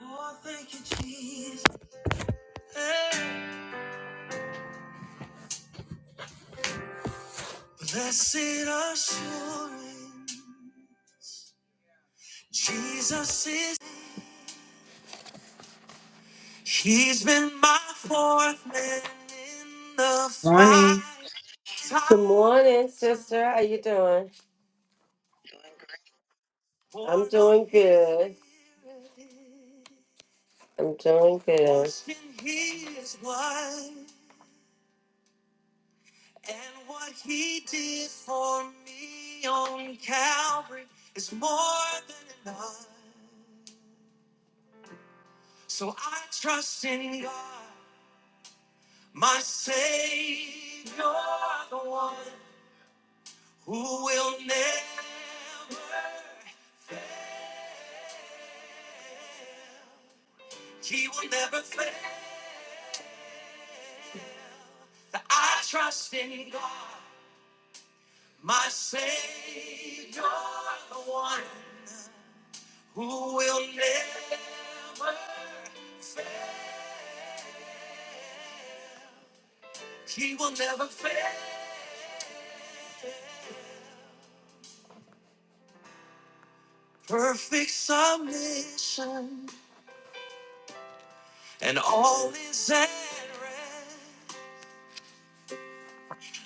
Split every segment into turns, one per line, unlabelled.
Oh, thank you, Jesus. Hey. Blessed assurance, Jesus is. He's been my fourth man in the fight.
morning.
Good morning, sister. How you doing? I'm doing good. I'm doing good. Watching his wife and what he did for me on Calvary is more than enough. So I trust in God, my Savior, the one who will never, he will never fail. I trust in God, my Savior, the one who will never fail. He will never fail. Perfect submission, and all is at rest.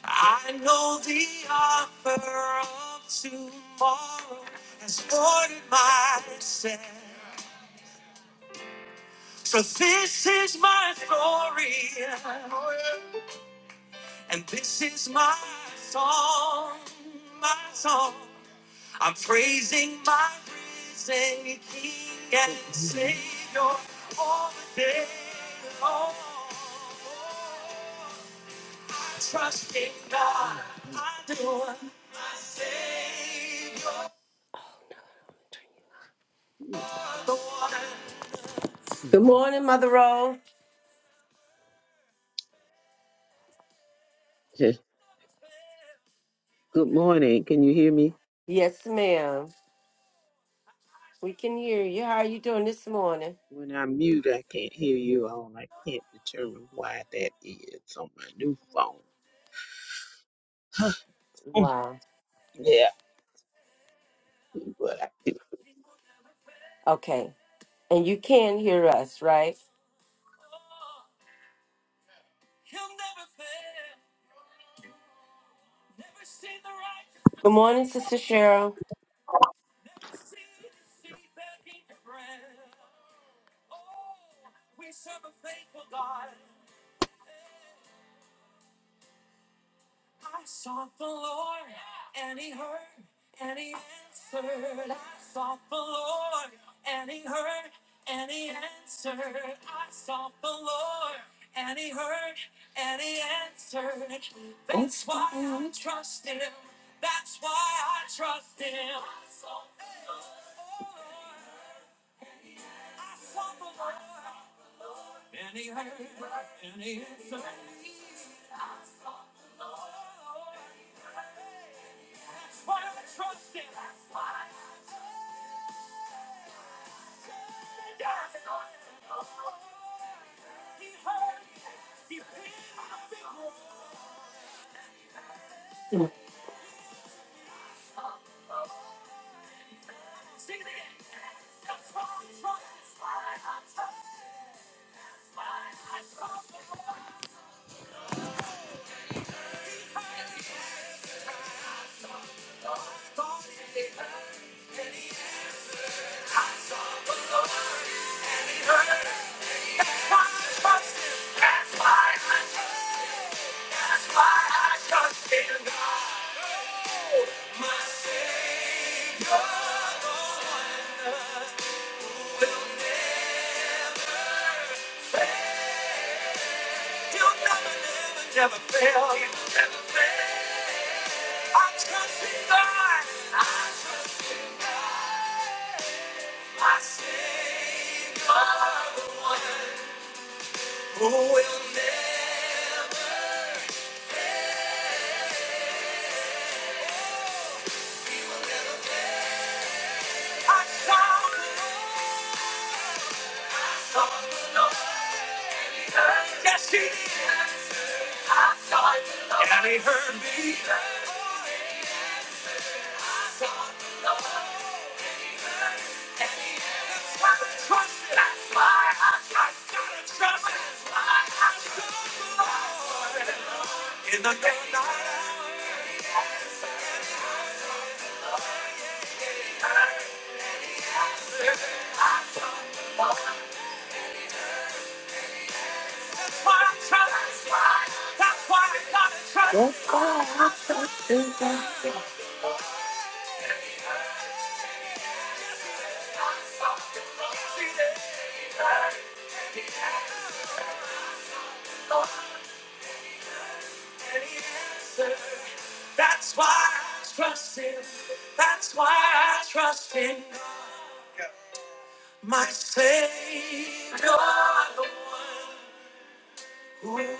I know the offer of tomorrow has ordered my set. So this is my story, and this is my song, my song. I'm praising my risen King and
Good
Savior all the day long. I trust in God. I do. My Savior, the one. Good morning, Mother Rose.
morning. Can you hear me?
Yes, ma'am. We can hear you. How are you doing this morning?
When i mute, I can't hear you all. I can't determine why that is on my new phone.
Wow.
yeah, but I
Okay. And you can hear us, right? Good morning, Sister Cheryl. Never seen a sea begging for bread. Oh, we serve a faithful God. I sought the Lord, and He heard, and He answered. I sought the Lord, and He heard, and He answered. I sought the Lord, and He heard, and He answered. That's why I trust Him. That's why I trust Him. I sought the Lord. I saw the Lord, and he heard, and he answered me. I saw the Oh, that's why I trust him. That's why I trust him. He heard me. He paid my big role. Sing it again. That's why I trust him. That's why I trust him. That's why I trust him. God, he heard. I saw the Lord. That's why I trust That's why I trust in God. My Savior, the one will never fail. You'll never, never, will never fail. I trust in God. I trust in God. My Savior, the one Oh, we'll never fail? He will never fail. I saw the Lord, saw the Lord, and he heard. Yes, he did. I saw the Lord, and he heard me. He heard me. I saw the Lord. That's Why I trust him. That's why I trust. him. I Gotta trust him. That's why I trust. him. In the day and night. Don't fall, I That's why I trust him. That's why I trust him. My Savior, the one who will never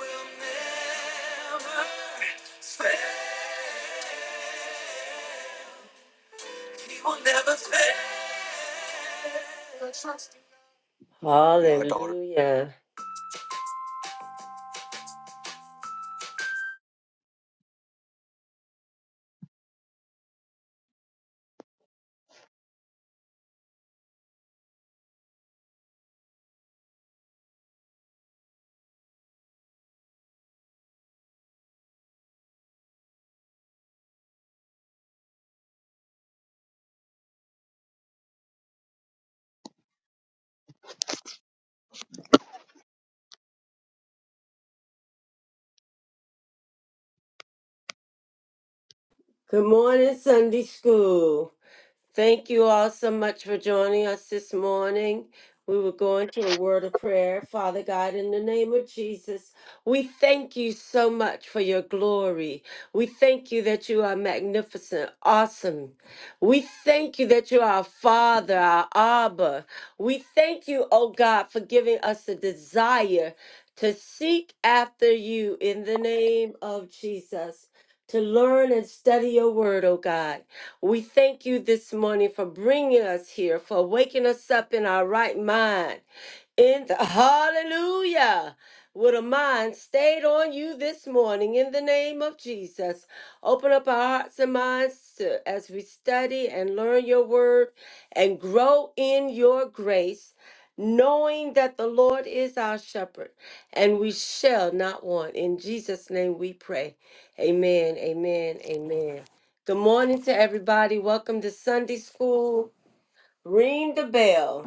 fail. He will never fail. Hallelujah. Good morning, Sunday school. Thank you all so much for joining us this morning. We will go into a word of prayer. Father God, in the name of Jesus, we thank you so much for your glory. We thank you that you are magnificent, awesome. We thank you that you are our Father, our Abba. We thank you, oh God, for giving us a desire to seek after you in the name of Jesus, to learn and study your word, oh God. We thank you this morning for bringing us here, for waking us up in our right mind in the hallelujah with a mind stayed on you this morning in the name of jesus open up our hearts and minds to, as we study and learn your word and grow in your grace knowing that the lord is our shepherd and we shall not want in jesus name we pray amen amen amen good morning to everybody welcome to sunday school ring the bell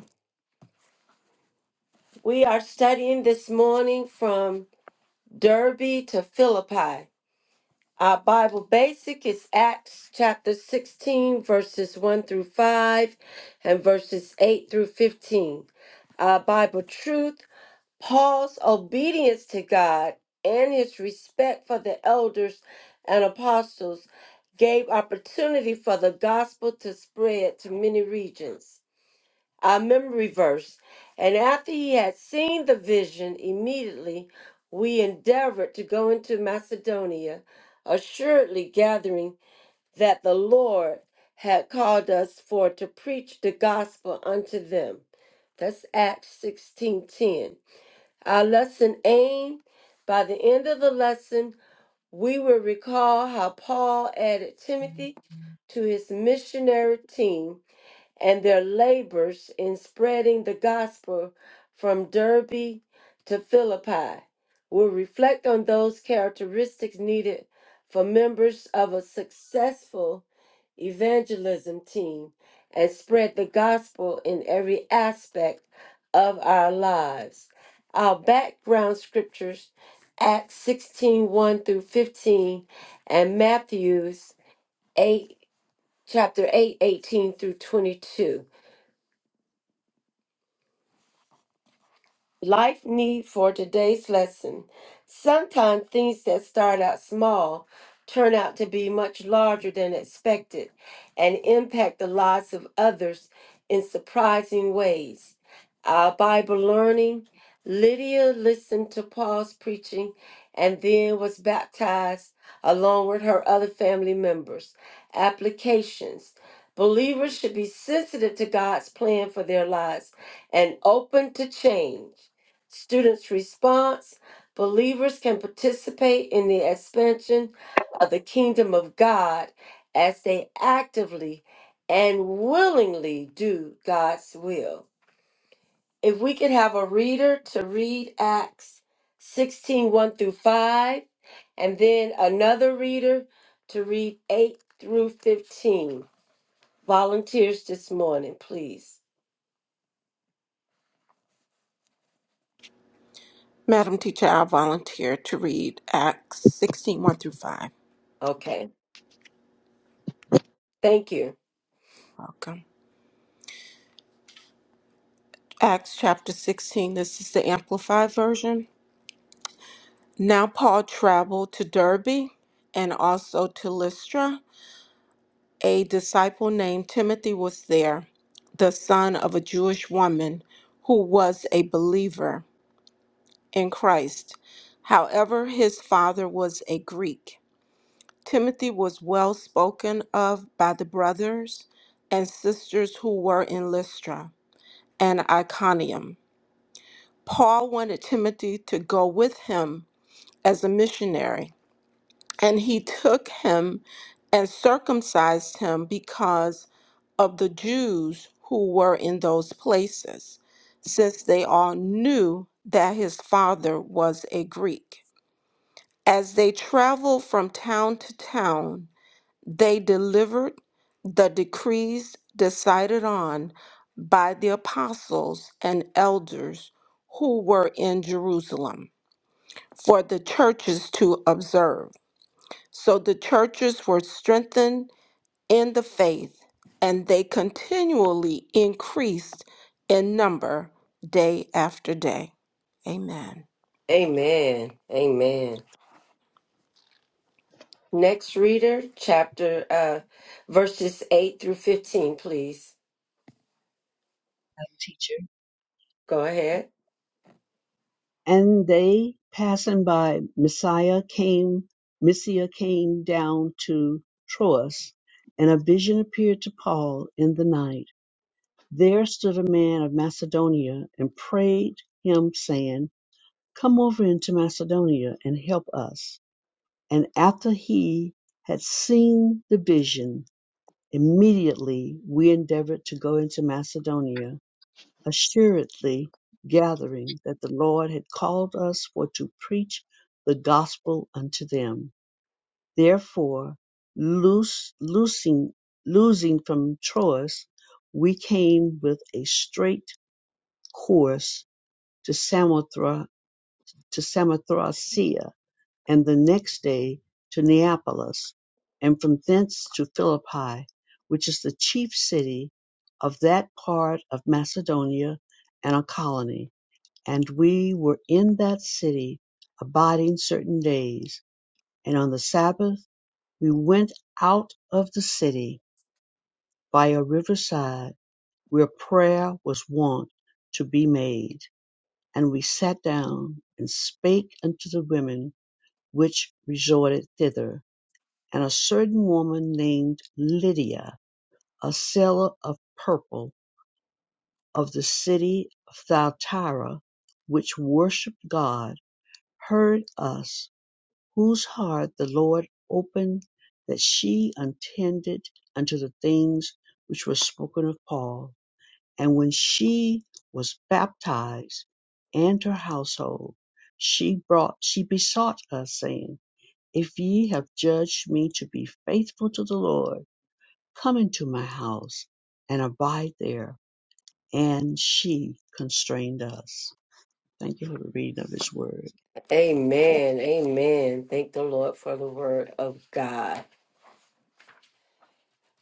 we are studying this morning from Derby to Philippi. Our Bible basic is Acts chapter 16, verses 1 through 5 and verses 8 through 15. Our Bible truth, Paul's obedience to God and his respect for the elders and apostles gave opportunity for the gospel to spread to many regions our memory verse. And after he had seen the vision, immediately we endeavored to go into Macedonia, assuredly gathering that the Lord had called us for to preach the gospel unto them. That's Acts 16:10. Our lesson aim by the end of the lesson, we will recall how Paul added
need
Timothy to his missionary team and their labors in spreading the gospel from Derby to Philippi will reflect on those characteristics needed for members of a successful evangelism team and spread the gospel in every aspect of our lives. Our background scriptures, Acts sixteen one through 15, and Matthew's 8, chapter 8 18 through 22. Life need for today's lesson. Sometimes things that start out small turn out to be much larger than expected and impact the lives of others in surprising ways. Our Bible learning Lydia listened to Paul's preaching and then was baptized along with her other family members. Applications Believers should be sensitive to God's plan for their lives and open to change students' response, believers can participate in the expansion of the kingdom of God as they actively and willingly do God's will. If we could have a reader to read Acts sixteen one through 5, and then another reader to read 8 through 15. Volunteers this morning, please.
Madam Teacher, I'll volunteer to read Acts 16, one through 5.
Okay. Thank you.
Welcome. Acts chapter 16, this is the Amplified version. Now Paul traveled to Derbe and also to Lystra. A disciple named Timothy was there, the son of a Jewish woman who was a believer in Christ. However, his father was a Greek. Timothy was well spoken of by the brothers and sisters who were in Lystra and Iconium. Paul wanted Timothy to go with him as a missionary, and he took him and circumcised him because of the Jews who were in those places, since they all knew that his father was a Greek. As they traveled from town to town, They delivered the decrees decided on by the apostles and elders who were in Jerusalem for the churches to observe. So the churches were strengthened in the faith and they continually increased in number day after day. Amen.
Amen. Amen. Next reader, chapter uh verses 8 through 15, please.
teacher.
Go ahead.
And they passing by Messiah came Messiah came down to Troas, and a vision appeared to Paul in the night. There stood a man of Macedonia and prayed him, saying, Come over into Macedonia and help us. And after he had seen the vision, immediately we endeavored to go into Macedonia assuredly gathering that the Lord had called us for to preach the gospel unto them. Therefore, loose, loosing, losing from Troas, we came with a straight course to Samothra, to Samothracia, and the next day to Neapolis, and from thence to Philippi, which is the chief city of that part of Macedonia and a colony and we were in that city, abiding certain days. And on the Sabbath we went out of the city by a riverside where prayer was wont to be made. And we sat down, and spake unto the women which resorted thither. And a certain woman named Lydia, a seller of purple of the city of Thyatira, which worshipped God, heard us whose heart the Lord opened, that she attended unto the things which were spoken of Paul. And when she was baptized and her household, she brought she besought us, saying, If ye have judged me to be faithful to the Lord, come into my house and abide there. And she constrained us. Thank you for the reading of his word.
Amen. Amen. Thank the Lord for the word of God.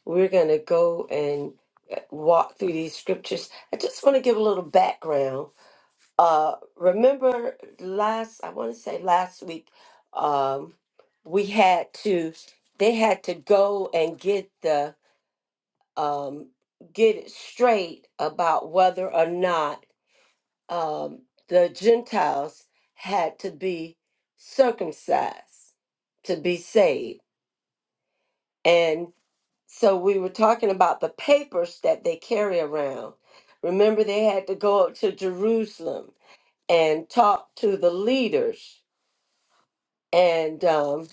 We're going to go and uh, walk through these scriptures. I just want to give a little background. Uh remember last I want to say last week um we had to they had to go and get the um get it straight about whether or not um, the Gentiles had to be circumcised to be saved. And so we were talking about the papers that they carry around. Remember, they had to go up to Jerusalem and talk to the leaders and um,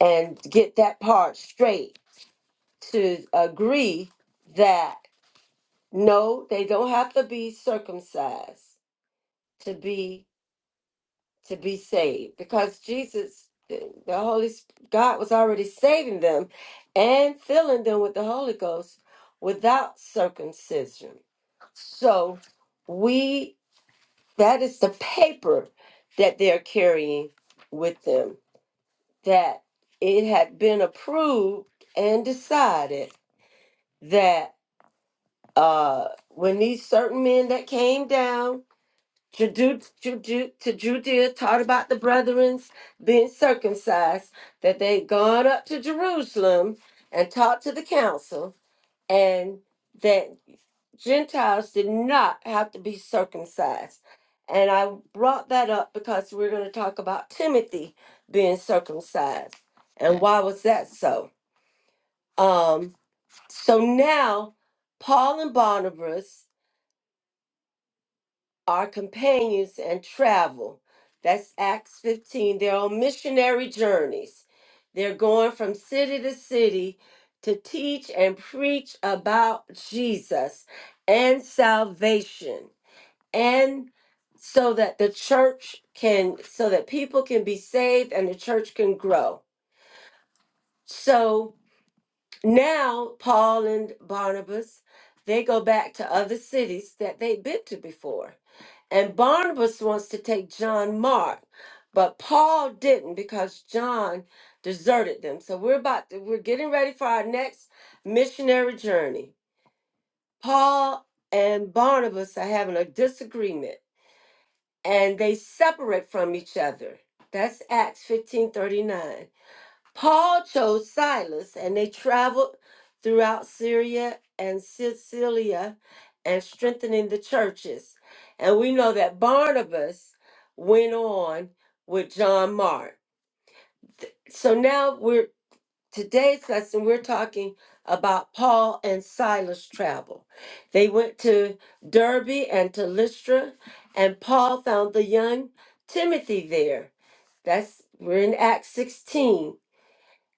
and get that part straight to agree that no, they don't have to be circumcised to be to be saved because Jesus, the the Holy Sp- God was already saving them and filling them with the Holy Ghost without circumcision. So we that is the paper that they're carrying with them that it had been approved and decided that uh when these certain men that came down Judu- Judu- to Judea taught about the brethrens being circumcised, that they'd gone up to Jerusalem and talked to the council, and that Gentiles did not have to be circumcised. And I brought that up because we're going to talk about Timothy being circumcised. And why was that so? Um, so now, Paul and Barnabas are companions and travel. That's Acts 15. They're on missionary journeys. They're going from city to city to teach and preach about Jesus and salvation. And so that the church can, so that people can be saved and the church can grow. So now Paul and Barnabas, they go back to other cities that they've been to before and Barnabas wants to take John Mark, but Paul didn't because John deserted them. So we're about to, we're getting ready for our next missionary journey. Paul and Barnabas are having a disagreement and they separate from each other. That's Acts 15:39. Paul chose Silas, and they traveled throughout Syria and Sicilia and strengthening the churches. And we know that Barnabas went on with John Mark. So now we're today's lesson we're talking about Paul and Silas travel. They went to Derbe and to Lystra, and Paul found the young Timothy there. That's we're in Acts 16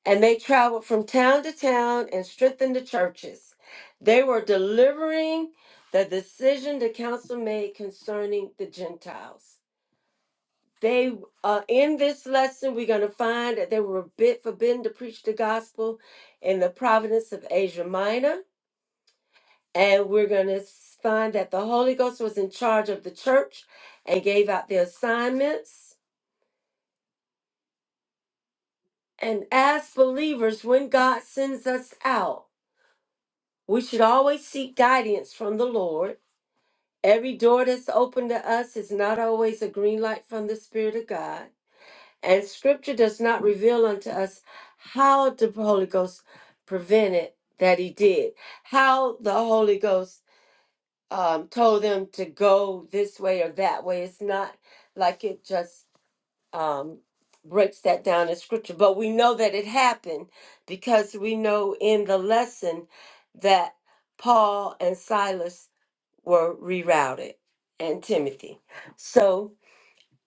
and they traveled from town to town and strengthened the churches. They were delivering the decision the council made concerning the Gentiles. They, uh, in this lesson, we're going to find that they were a bit forbidden to preach the gospel in the province of Asia Minor, and we're going to find that the Holy Ghost was in charge of the church and gave out the assignments. And as believers, when God sends us out, We should always seek guidance from the Lord. Every door that's open to us is not always a green light from the Spirit of God. And Scripture does not reveal unto us how the Holy Ghost prevented that he did, how the Holy Ghost um, told them to go this way or that way. It's not like it just um, breaks that down in scripture. But we know that it happened because we know in the lesson that Paul and Silas were rerouted and Timothy. So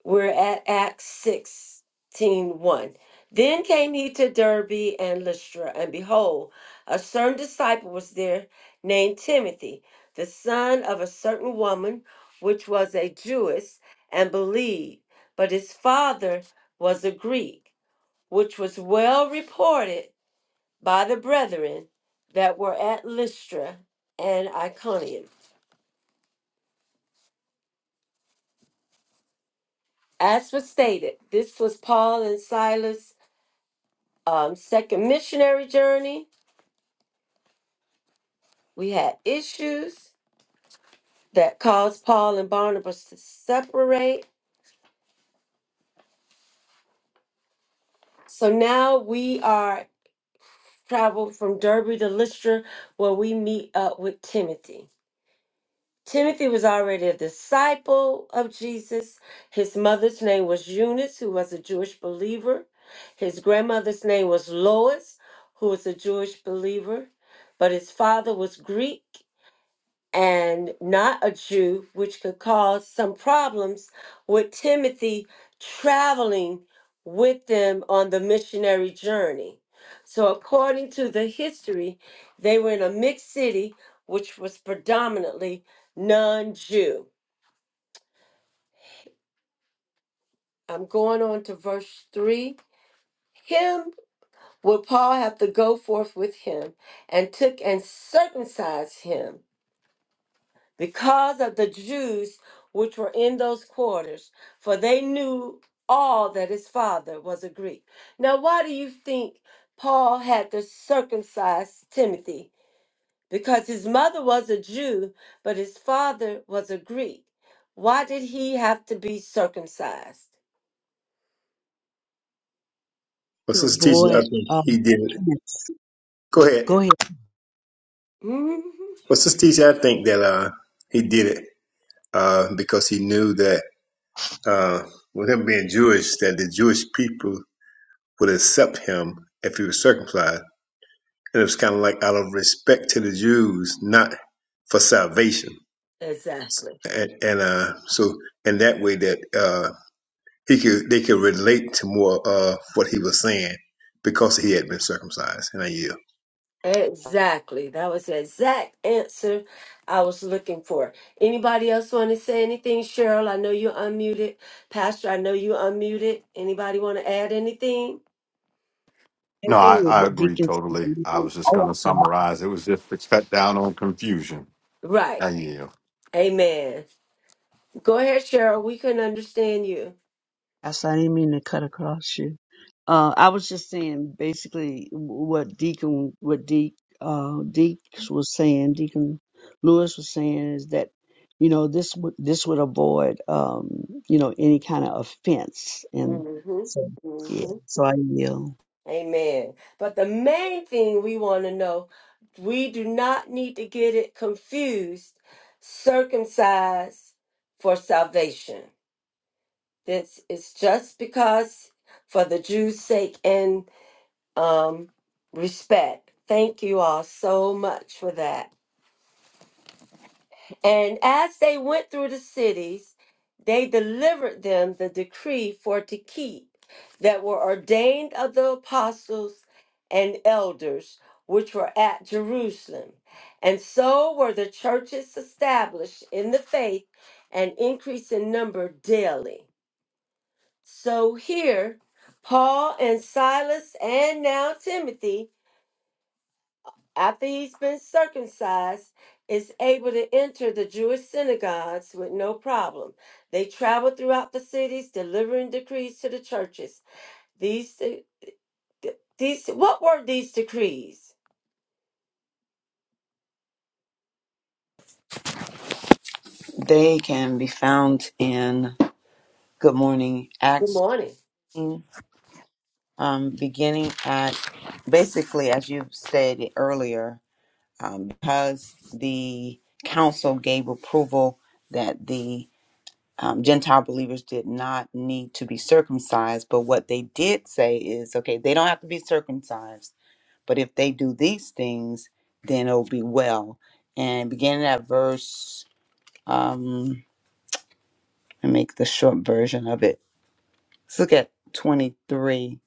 we're at Acts sixteen one. Then came he to Derbe and Lystra, and behold, a certain disciple was there named Timothy, the son of a certain woman which was a Jewess and believed, but his father was a Greek, which was well reported by the brethren that were at Lystra and Iconium. As was stated, this was Paul and Silas um, second missionary journey, we had issues that caused Paul and Barnabas to separate. So now we are traveled from Derby to Lystra, where we meet up with Timothy. Timothy was already a disciple of Jesus. His mother's name was Eunice, who was a Jewish believer. His grandmother's name was Lois, who was a Jewish believer. But his father was Greek and not a Jew, which could cause some problems with Timothy traveling with them on the missionary journey. So, according to the history, they were in a mixed city, which was predominantly non Jew. I'm going on to verse 3. Him would Paul have to go forth with him and took and circumcised him because of the Jews which were in those quarters, for they knew all that his father was a Greek. Now, why do you think Paul had to circumcise Timothy? Because his mother was a Jew, but his father was a Greek. Why did he have to be circumcised?
What's
To
this teacher? I
avoid,
think
uh,
he did it. Go
oh,
ahead.
go ahead.
Mhm.
What's this teacher? I think that uh, he did it uh, because he knew that uh, with him being Jewish, that the Jewish people would accept him if he was circumcised, and it was kind of like out of respect to the Jews, not for salvation,
Exactly.
and, and uh, so in that way that uh, he could they could relate to more of what he was saying because he had been circumcised. And I yield.
Exactly. That was the exact answer I was looking for. Anybody else want to say anything? Cheryl, I know you're unmuted. Pastor, I know you're unmuted. Anybody want to add anything?
No,
Maybe
I,
with
I
what
agree
Deacon
totally.
said.
I was just
Oh,
going
I'm
to
sorry.
summarize. It was just to cut down on confusion. I
Right.
yield.
Amen. Go ahead, Cheryl. We can understand you.
I saw- I didn't mean to cut across you. Uh, I was just saying basically what Deacon, what Deacon, uh, Deeks was saying, Deacon Lewis was saying is that, you know, this would, this would avoid, um, you know, any kind of offense. And
hmm
so, yeah,
hmm
so I will.
Amen. But the main thing we want to know, we do not need to get it confused, circumcised for salvation. This is just because for the Jews' sake and um, respect. Thank you all so much for that. And as they went through the cities, they delivered them the decree for to keep that were ordained of the apostles and elders which were at Jerusalem. And so were the churches established in the faith and increase in number daily. So here, Paul and Silas, and now Timothy, after he's been circumcised, is able to enter the Jewish synagogues with no problem. They travel throughout the cities, delivering decrees to the churches. These, de- de- these, what were these decrees?
They can be found in Good Morning
Good
Acts,
morning.
um, beginning at basically, as you said earlier, um, because the council gave approval that the um, Gentile believers did not need to be circumcised. But what they did say is okay, they don't have to be circumcised, but if they do these things, then it'll be well. And beginning at verse, um, I make the short version of it Let's look at 23.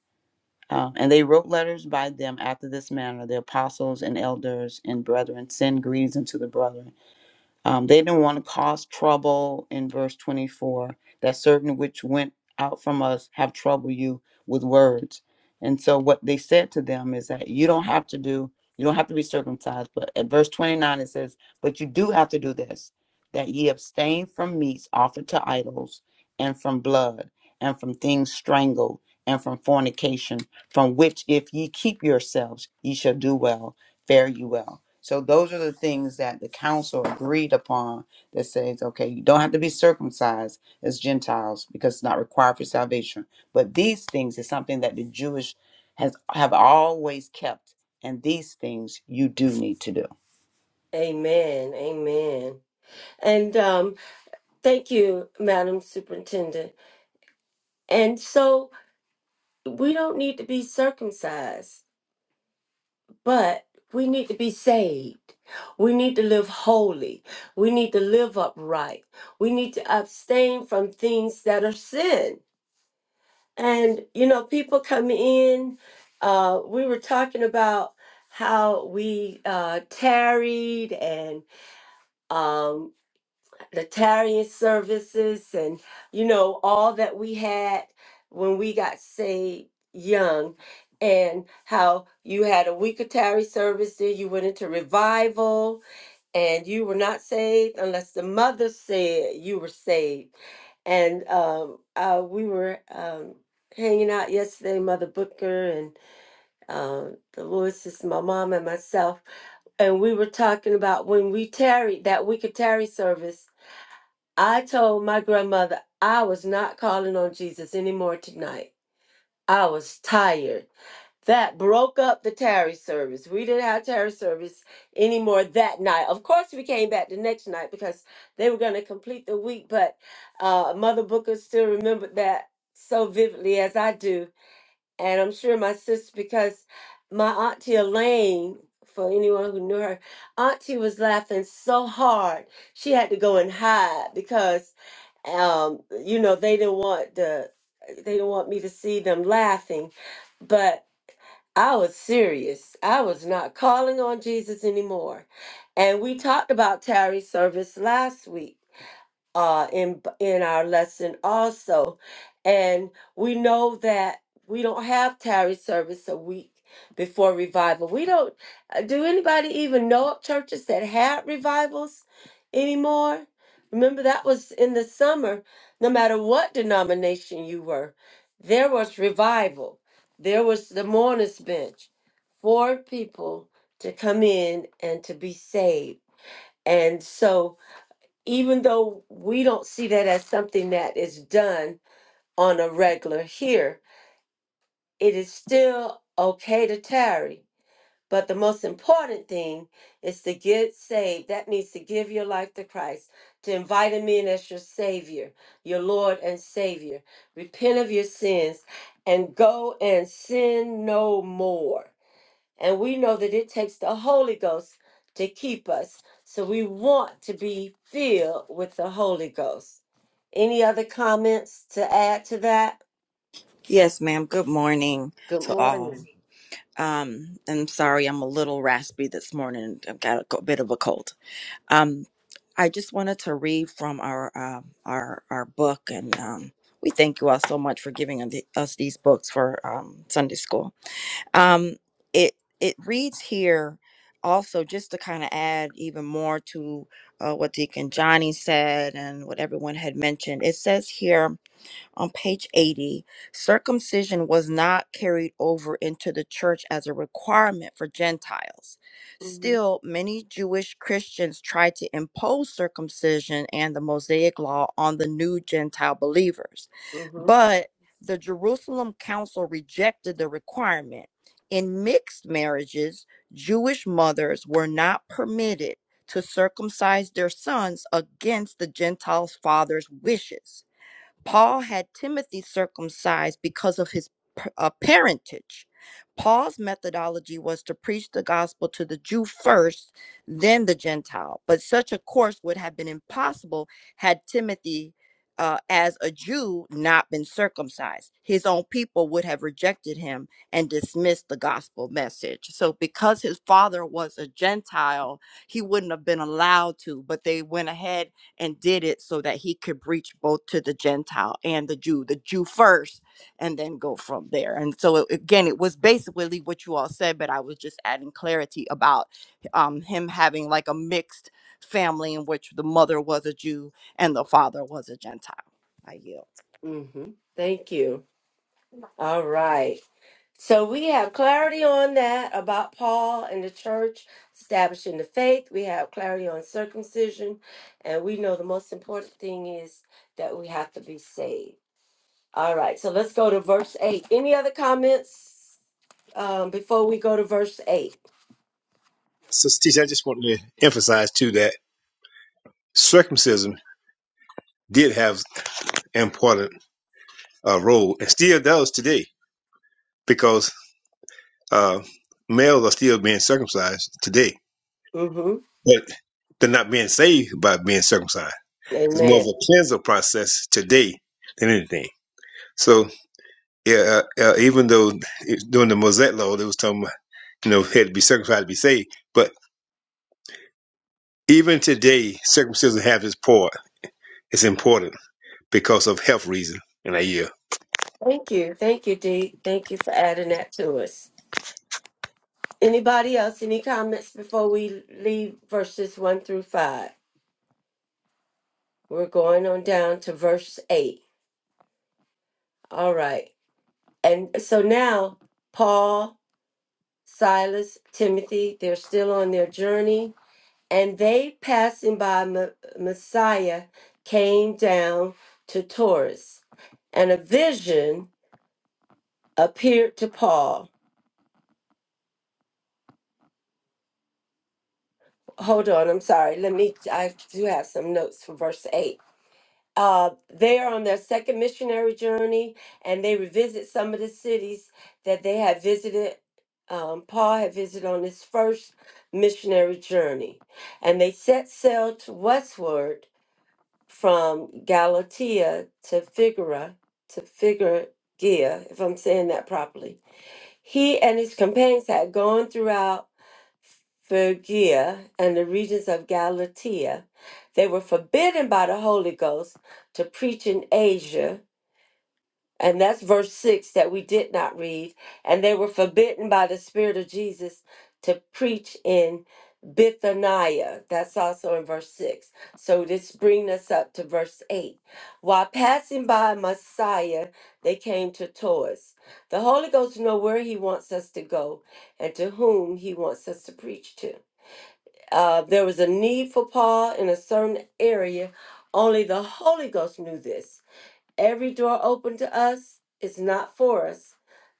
Uh, and they wrote letters by them after this manner The apostles and elders and brethren send greetings unto the brethren. Um, they didn't want to cause trouble in verse 24, that certain which went out from us have troubled you with words. And so what they said to them is that you don't have to do, you don't have to be circumcised. But at verse 29, it says, but you do have to do this, that ye abstain from meats offered to idols and from blood and from things strangled and from fornication, from which if ye keep yourselves, ye shall do well, fare you well. So those are the things that the council agreed upon that says, okay, you don't have to be circumcised as Gentiles because it's not required for salvation. But these things is something that the Jewish has have always kept, and these things you do need to do.
Amen. Amen. And um, thank you, Madam Superintendent. And so we don't need to be circumcised But we need to be saved. We need to live holy. We need to live upright. We need to abstain from things that are sin. And, you know, people come in. Uh, we were talking about how we uh, tarried and um the tarrying services and you know all that we had when we got saved young and how you had a week of tarry service then you went into revival and you were not saved unless the mother said you were saved and um, uh, we were um, hanging out yesterday mother booker and um, the Lewises, my mom and myself and we were talking about when we tarried that week of tarry service I told my grandmother I was not calling on Jesus anymore tonight. I was tired. That broke up the tarry service. We didn't have tarry service anymore that night. Of course, we came back the next night because they were going to complete the week, but uh, Mother Booker still remembered that so vividly as I do. And I'm sure my sister, because my Auntie Elaine, for anyone who knew her, Auntie was laughing so hard she had to go and hide because um you know they didn't want the they didn't want me to see them laughing but i was serious i was not calling on jesus anymore and we talked about tarry service last week uh, in in our lesson also, and we know that we don't have tarry service a week before revival. We don't. uh, Do anybody even know of churches that had revivals anymore? Remember that was in the summer. No matter what denomination you were, there was revival. There was the mourners bench for people to come in and to be saved. And so even though we don't see that as something that is done on a regular here, it is still okay to tarry. But the most important thing is to get saved. That means to give your life to Christ, to invite Him in as your Savior, your Lord and Savior. Repent of your sins and go and sin no more. And we know that it takes the Holy Ghost to keep us. So we want to be filled with the Holy Ghost. Any other comments to add to that?
Yes, ma'am. Good morning
Good
to all.
morning.
Um, I'm sorry I'm a little raspy this morning. I've got a co- bit of a cold. Um, I just wanted to read from our uh, our our book, and um, we thank you all so much for giving us the- us these books for um, Sunday school. Um, it it reads here also just to kind of add even more to uh, what Deacon Johnny said and what everyone had mentioned. It says here on page 80, circumcision was not carried over into the church as a requirement for Gentiles.
hmm
Still, many Jewish Christians tried to impose circumcision and the Mosaic law on the new Gentile believers.
hmm
But the Jerusalem Council rejected the requirement. In mixed marriages, Jewish mothers were not permitted to circumcise their sons against the Gentiles' father's wishes. Paul had Timothy circumcised because of his uh, parentage. Paul's methodology was to preach the gospel to the Jew first, then the Gentile. But such a course would have been impossible had Timothy, uh, as a Jew, not been circumcised. His own people would have rejected him and dismissed the gospel message. So, because his father was a Gentile, he wouldn't have been allowed to, but they went ahead and did it so that he could reach both to the Gentile and the Jew, the Jew first, and then go from there. And so, it- again, it was basically what you all said, but I was just adding clarity about um, him having like a mixed family in which the mother was a Jew and the father was a Gentile. I yield.
hmm Thank you. All right. So we have clarity on that about Paul and the church establishing the faith. We have clarity on circumcision. And we know the most important thing is that we have to be saved. All right, so let's go to verse 8. Any other comments um, before we go to verse 8?
So, Steve, I just want to emphasize too that circumcision did have an important uh, role and still does today because uh, males are still being circumcised today,
Mm-hmm.
but they're not being saved by being circumcised. It's more of
Amen.
a cleanser process today than anything. So, yeah, uh, uh, even though it, during the Mosaic law, they was talking about, you know, had to be circumcised to be saved, but even today, circumcision has its part. It's important because of health reason in a year.
Thank you. Thank you, Dee. Thank you for adding that to us. Anybody else? Any comments before we leave verses one through five? We're going on down to verse eight. All right. And so now, Paul, Silas, Timothy, they're still on their journey, and they passing by Ma- Messiah came down to Taurus, and a vision appeared to Paul. Hold on, I'm sorry. Let me, I do have some notes for verse 8. uh, they are on their second missionary journey and they revisit some of the cities that they had visited. Um, Paul had visited on his first missionary journey. And they set sail to westward from Galatia to Figura, to Figura, if I'm saying that properly. He and his companions had gone throughout. Phrygia and the regions of Galatia, they were forbidden by the Holy Ghost to preach in Asia. And that's verse 6 that we did not read. And they were forbidden by the Spirit of Jesus to preach in Bithynia. That's also in verse 6. So this brings us up to verse 8. While passing by Messiah, they came to Taurus. The Holy Ghost knows where he wants us to go and to whom he wants us to preach to uh, there was a need for Paul in a certain area. Only the Holy Ghost knew this. Every door open to us is not for us,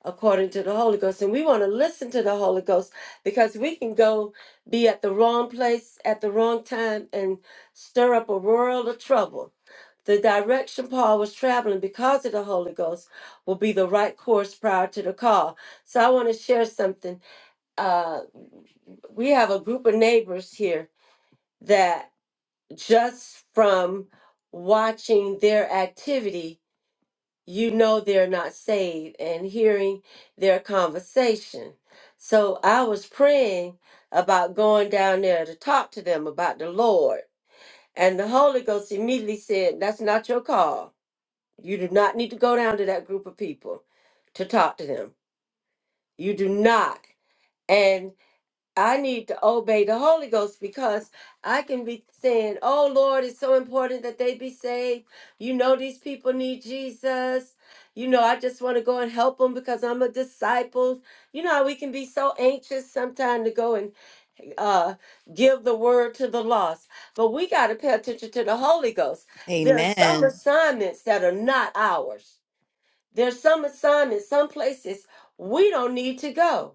according to the Holy Ghost. And we want to listen to the Holy Ghost because we can go be at the wrong place at the wrong time and stir up a world of trouble. The direction Paul was traveling because of the Holy Ghost will be the right course prior to the call. So I want to share something. Uh, we have a group of neighbors here that just from watching their activity, you know they're not saved and hearing their conversation. So I was praying about going down there to talk to them about the Lord. And the Holy Ghost immediately said, That's not your call. You do not need to go down to that group of people to talk to them. You do not. I need to obey the Holy Ghost because I can be saying, Oh Lord, it's so important that they be saved. You know, these people need Jesus. You know, I just want to go and help them because I'm a disciple. You know how we can be so anxious sometimes to go and uh, give the word to the lost. But we got to pay attention to the Holy Ghost. There are some
Amen.
assignments that are not ours, there's some assignments, some places we don't need to go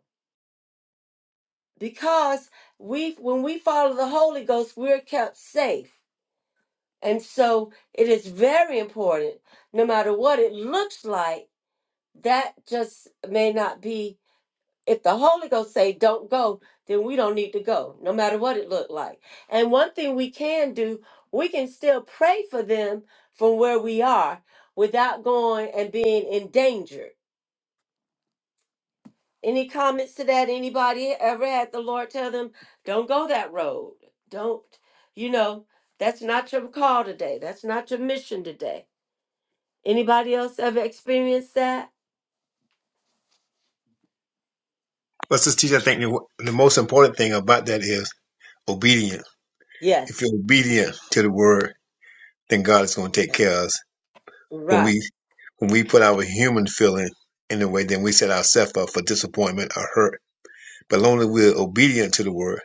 because we when we follow the holy ghost we're kept safe and so it is very important no matter what it looks like that just may not be if the holy ghost say don't go then we don't need to go no matter what it looked like and one thing we can do we can still pray for them from where we are without going and being endangered. Any comments to that? Anybody ever had the Lord tell them, don't go that road? Don't, you know, that's not your call today. That's not your mission today. Anybody else ever experienced that?
But this teacher, I think the, the most important thing about that is obedience. If
Yes.
you're obedient to the word, then God is going to take care of us. When
Right.
we when we put our human feeling in the way, then we set ourselves up for disappointment or hurt. But as long as we're obedient to the word,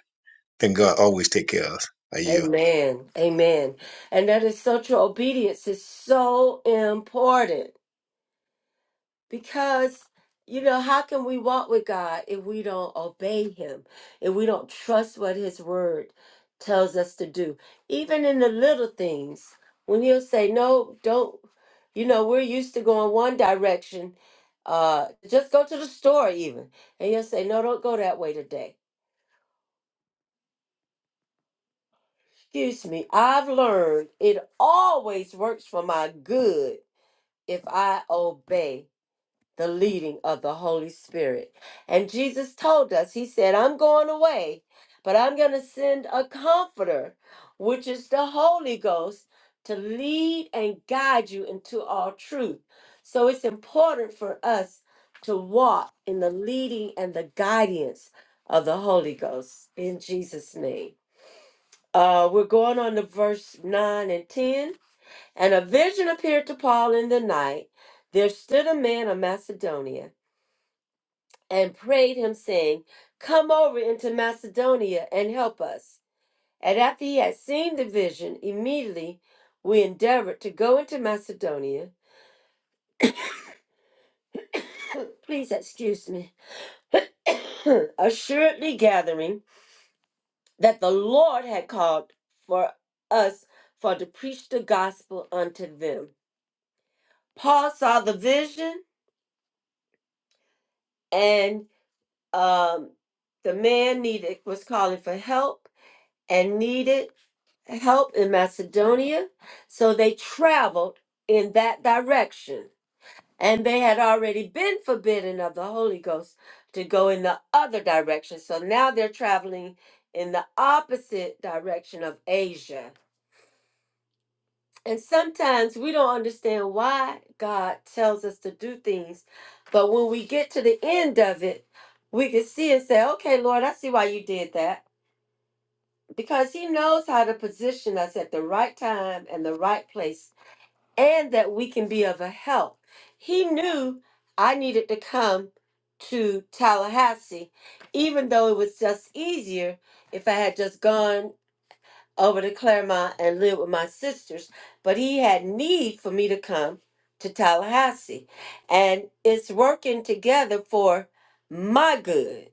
then God always take care of us. I yield.
Amen. Amen. And that is such obedience is so important. Because, you know, how can we walk with God if we don't obey Him, if we don't trust what His Word tells us to do? Even in the little things, when He'll say, no, don't, you know, we're used to going one direction. Uh, just go to the store, even. And He'll say, no, don't go that way today. Excuse me, I've learned it always works for my good if I obey the leading of the Holy Spirit. And Jesus told us, He said, I'm going away, but I'm going to send a comforter, which is the Holy Ghost, to lead and guide you into all truth. So it's important for us to walk in the leading and the guidance of the Holy Ghost in Jesus' name. Uh, we're going on to verse 9 and 10. And a vision appeared to Paul in the night. There stood a man of Macedonia and prayed him, saying, Come over into Macedonia and help us. And after he had seen the vision, immediately we endeavored to go into Macedonia. Please excuse me. Assuredly gathering that the Lord had called for us for to preach the gospel unto them. Paul saw the vision and um, the man needed was calling for help and needed help in Macedonia. So they traveled in that direction. And they had already been forbidden of the Holy Ghost to go in the other direction. So now they're traveling in the opposite direction of Asia. And sometimes we don't understand why God tells us to do things. But when we get to the end of it, we can see and say, okay, Lord, I see why you did that. Because He knows how to position us at the right time and the right place and that we can be of a help. He knew I needed to come to Tallahassee, even though it was just easier if I had just gone over to Claremont and lived with my sisters. But he had need for me to come to Tallahassee. And it's working together for my good.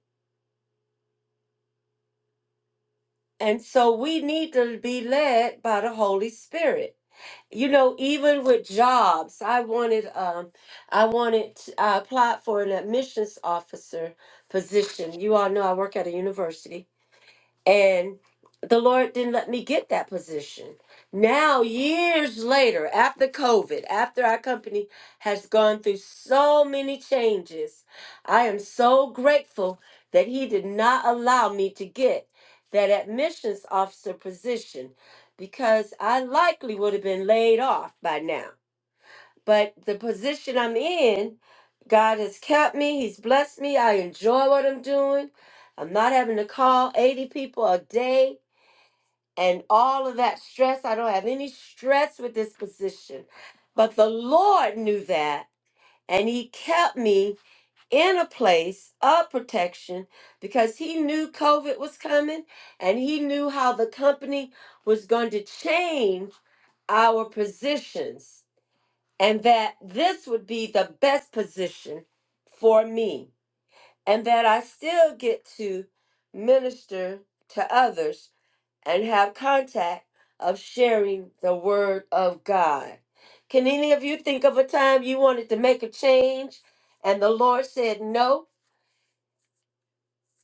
And so we need to be led by the Holy Spirit you know even with jobs i wanted um i wanted i applied for an admissions officer position you all know i work at a university and the Lord didn't let me get that position. Now, years later, after COVID, after our company has gone through so many changes, I am so grateful that He did not allow me to get that admissions officer position because I likely would have been laid off by now. But the position I'm in, God has kept me. He's blessed me. I enjoy what I'm doing. I'm not having to call 80 people a day and all of that stress. I don't have any stress with this position. But the Lord knew that, and He kept me in a place of protection because He knew COVID was coming and He knew how the company was going to change our positions and that this would be the best position for me, and that I still get to minister to others and have contact of sharing the word of God. Can any of you think of a time you wanted to make a change and the Lord said no?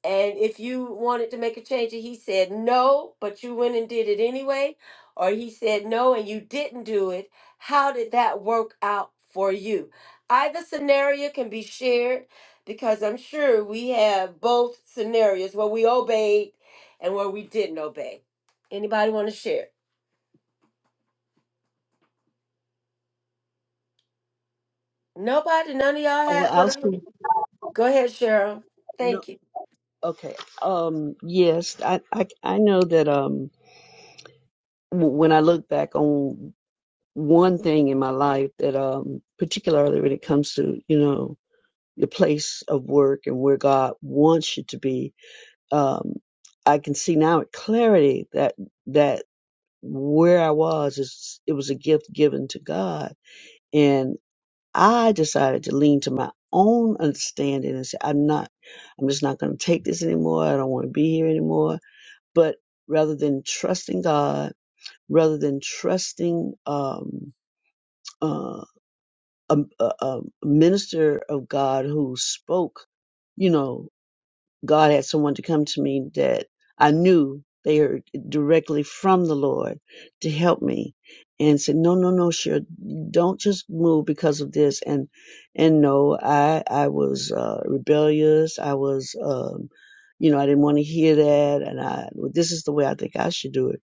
and if you wanted to make a change and he said no but you went and did it anyway or he said no and you didn't do it how did that work out for you either scenario can be shared because i'm sure we have both scenarios where we obeyed and where we didn't obey anybody want to share nobody none of y'all had
Well, I'll
whatever
see.
go ahead cheryl
No,
thank you
okay. Um, yes, I, I, I know that, um, w- when I look back on one thing in my life that um particularly when it comes to you know your place of work and where god wants you to be um i can see now with clarity that that where i was is it was a gift given to god and i decided to lean to my own understanding and say i'm not i'm just not going to take this anymore i don't want to be here anymore but rather than trusting god rather than trusting um um, a, a, a minister of God who spoke, you know, God had someone to come to me that I knew they heard directly from the Lord to help me and said, no, no, no, sure. Don't just move because of this. And, and no, I, I was, uh, rebellious. I was, um, you know, I didn't want to hear that. And I, well, this is the way I think I should do it.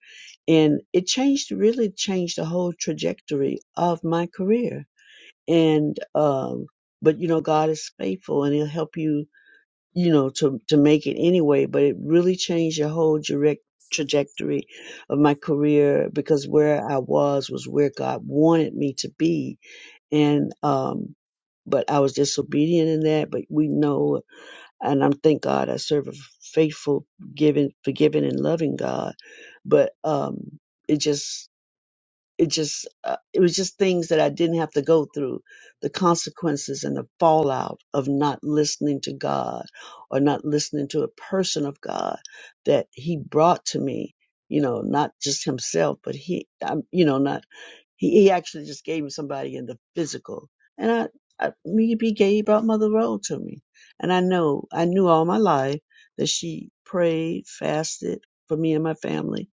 And it changed, really changed the whole trajectory of my career and um but you know god is faithful and he'll help you you know to to make it anyway but it really changed the whole direct trajectory of my career because where i was was where god wanted me to be and um but i was disobedient in that but we know and i'm thank god i serve a faithful giving forgiving and loving god but um it just it just uh, it was just things that I didn't have to go through the consequences and the fallout of not listening to God or not listening to a person of God that he brought to me you know not just himself but he um, you know not he, he actually just gave me somebody in the physical and I, I maybe gave out mother road to me and I know I knew all my life that she prayed fasted for me and my family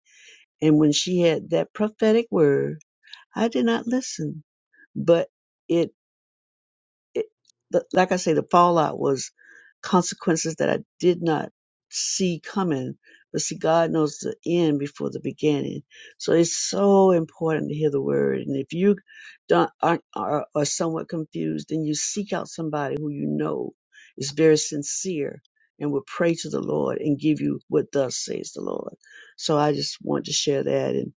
and when she had that prophetic word I did not listen, but it, it but like I say, the fallout was consequences that I did not see coming. But see, God knows the end before the beginning, so it's so important to hear the word. And if you don't aren't, are are somewhat confused, then you seek out somebody who you know is very sincere and will pray to the Lord and give you what thus says the Lord. So I just want to share that and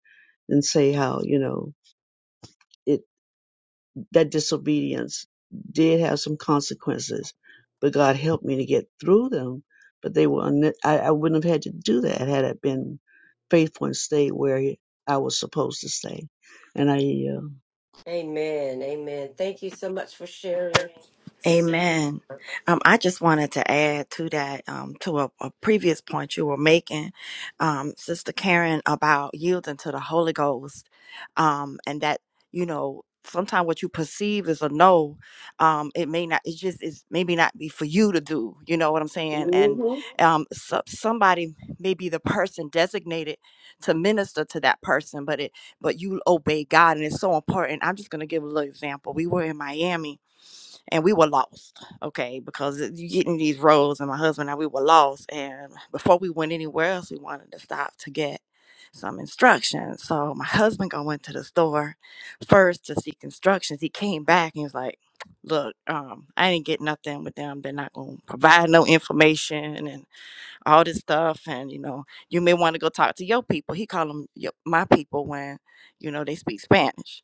and say how you know it. that disobedience did have some consequences, but God helped me to get through them. But they were, unne- I, I wouldn't have had to do that had I been faithful and stayed where he- I was supposed to stay. And I, uh,
amen amen thank you so much for sharing sister
Amen. Um, I just wanted to add to that, um, to a, a previous point you were making, um, Sister Karen, about yielding to the Holy Ghost, um, and that you know sometimes what you perceive as a no, um, it may not. It just is maybe not be for you to do. You know what I'm saying? And
Mhm.
um, so, somebody may be the person designated to minister to that person, but it but you obey God, and it's so important. I'm just gonna give a little example. We were in Miami and we were lost, okay, because you get in these roads, and my husband and I, we were lost. And before we went anywhere else, we wanted to stop to get some instructions. So my husband go into the store first to seek instructions. He came back and he was like, "Look, um, I didn't get nothing with them. They're not gonna provide no information." And all this stuff and you know you may want to go talk to your people he called them your, my people when you know they speak spanish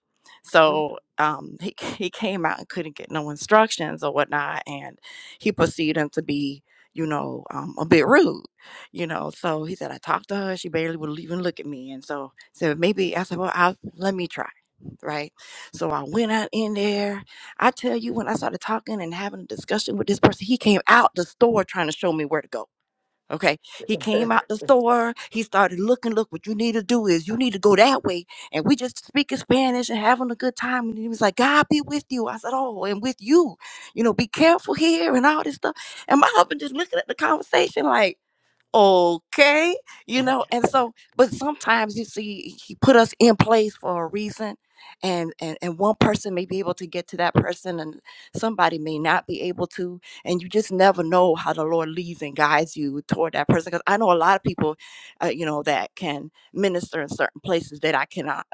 Mm-hmm.
so um, he, he came out and couldn't get no instructions or whatnot and he perceived him to be you know um, a bit rude you know so he said i talked to her she barely would even look at me and so said maybe i said well I'll, let me try right so i went out in there i tell you when i started talking and having a discussion with this person he came out the store trying to show me where to go Okay. He came out the store. He started looking, look, what you need to do is you need to go that way. And we just speaking Spanish and having a good time. And he was like, God be with you. I said, Oh, and with you. You know, be careful here and all this stuff. And my husband just looking at the conversation like, okay you know and so but sometimes you see he put us in place for a reason and, and and one person may be able to get to that person and somebody may not be able to and you just never know how the lord leads and guides you toward that person because i know a lot of people uh, you know that can minister in certain places that i cannot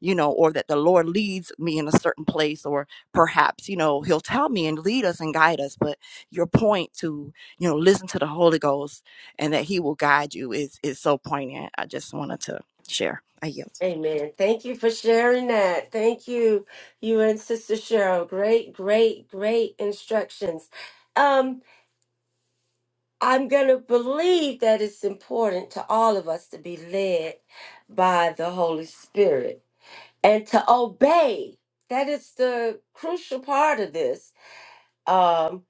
you know or that the lord leads me in a certain place or perhaps you know he'll tell me and lead us and guide us but your point to you know listen to the holy ghost and that he will guide you is is so poignant. I just wanted to share. I yield.
Amen. Thank you for sharing that. Thank you, you and Sister Cheryl. Great, great, great instructions. Um, I'm going to believe that it's important to all of us to be led by the Holy Spirit and to obey. That is the crucial part of this Um,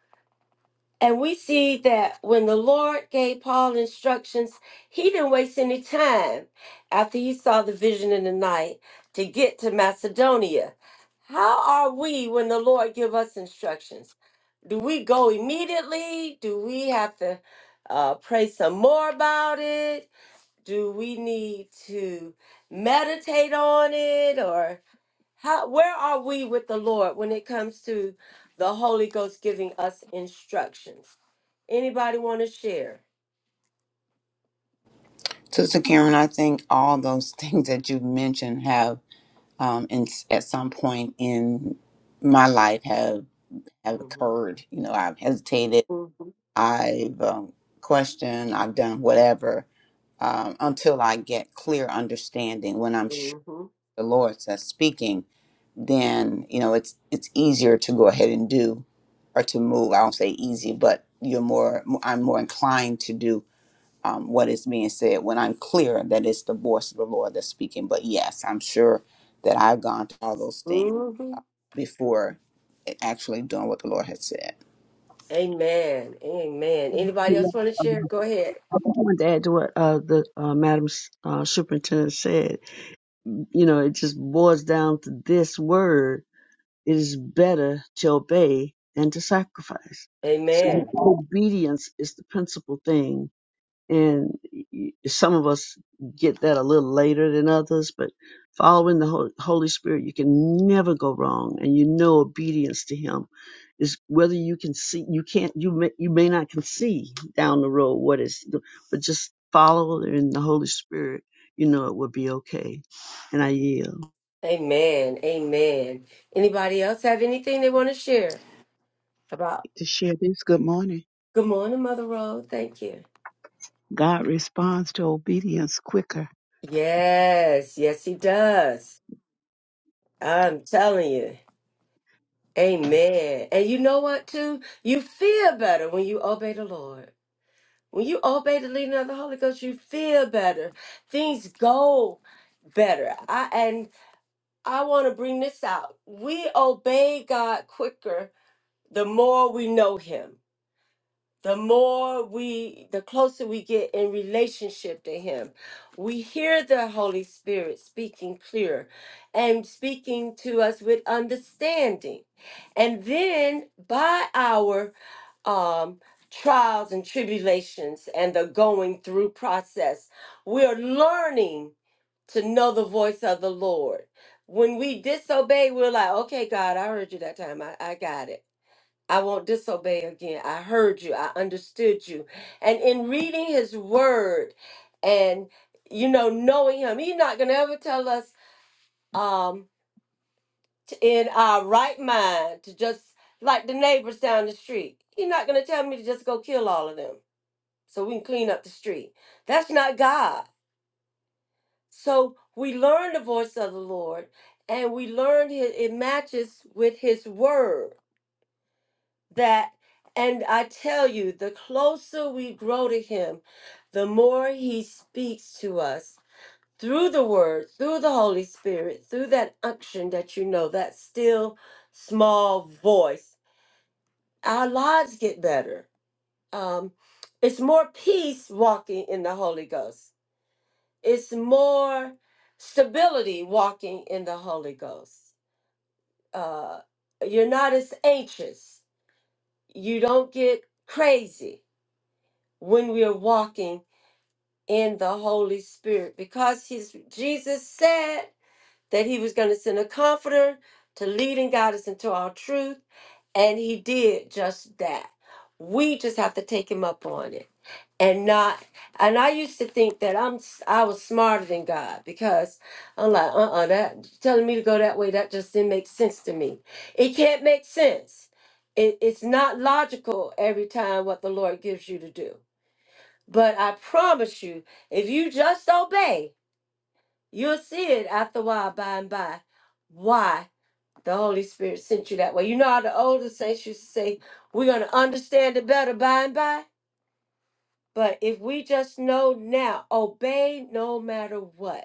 and we see that when the Lord gave Paul instructions, he didn't waste any time after he saw the vision in the night to get to Macedonia. How are we when the Lord give us instructions? Do we go immediately? Do we have to uh, pray some more about it? Do we need to meditate on it or? How where are we with the Lord when it comes to the Holy Ghost giving us instructions? Anybody want to share?
Sister Karen, I think all those things that you've mentioned have, um, in, at some point in my life, have have
Mhm,
occurred. You know, I've hesitated,
mhm,
I've um, questioned, I've done whatever um, until I get clear understanding. When I'm sure
mhm,
the Lord says speaking, then you know it's it's easier to go ahead and do or to move. I don't say easy, but you're more I'm more inclined to do um, what is being said when I'm clear that it's the voice of the Lord that's speaking. But yes, I'm sure that I've gone through all those things
mhm.
before actually doing what the Lord has said.
Amen. Amen. Anybody
Yeah.
else want to share? Go ahead.
I wanted to add to what uh, the uh, Madam S- uh, Superintendent said. You know, it just boils down to this word: it is better to obey than to sacrifice. So
Amen.
obedience is the principal thing and y- some of us get that a little later than others but following the Hol- holy spirit you can never go wrong and you know obedience to him is whether you can see you can't you may, you may not can see down the road what is but just follow in the holy spirit you know it will be okay and i yield
Amen. Amen. Anybody else have anything they want to share about?
to share this. Good morning.
Good morning, Mother Rose. Thank you.
God responds to obedience quicker.
Yes, yes, he does. I'm telling you. Amen. And you know what, too? You feel better when you obey the Lord. When you obey the leading of the Holy Ghost, you feel better. Things go better. I and I want to bring this out. We obey God quicker the more we know him the more we the closer we get in relationship to him we hear the holy spirit speaking clear and speaking to us with understanding and then by our um trials and tribulations and the going through process we're learning to know the voice of the lord when we disobey we're like okay god i heard you that time i, I got it I won't disobey again. I heard you. I understood you. And in reading his word and, you know, knowing him, he's not going to ever tell us um, to, in our right mind to just, like the neighbors down the street, he's not going to tell me to just go kill all of them so we can clean up the street. That's not God. So we learn the voice of the Lord and we learn his, it matches with his word. that and I tell you, the closer we grow to him, the more he speaks to us through the word, through the Holy Spirit, through that unction that you know, that still small voice. Our lives get better. Um, it's more peace walking in the Holy Ghost, it's more stability walking in the Holy Ghost. Uh, you're not as anxious, you don't get crazy when we're walking in the Holy Spirit because he's, Jesus said that he was going to send a comforter to lead and guide us into all truth, and he did just that. We just have to take him up on it and not and I used to think that I'm s- I was smarter than God because I'm like uh-uh that telling me to go that way that just didn't make sense to me. It can't make sense. It, it's not logical every time what the Lord gives you to do but I promise you, if you just obey, you'll see it after a while, by and by, why the Holy Spirit sent you that way. You know how the older saints used to say, we're going to understand it better by and by? But if we just know now, obey no matter what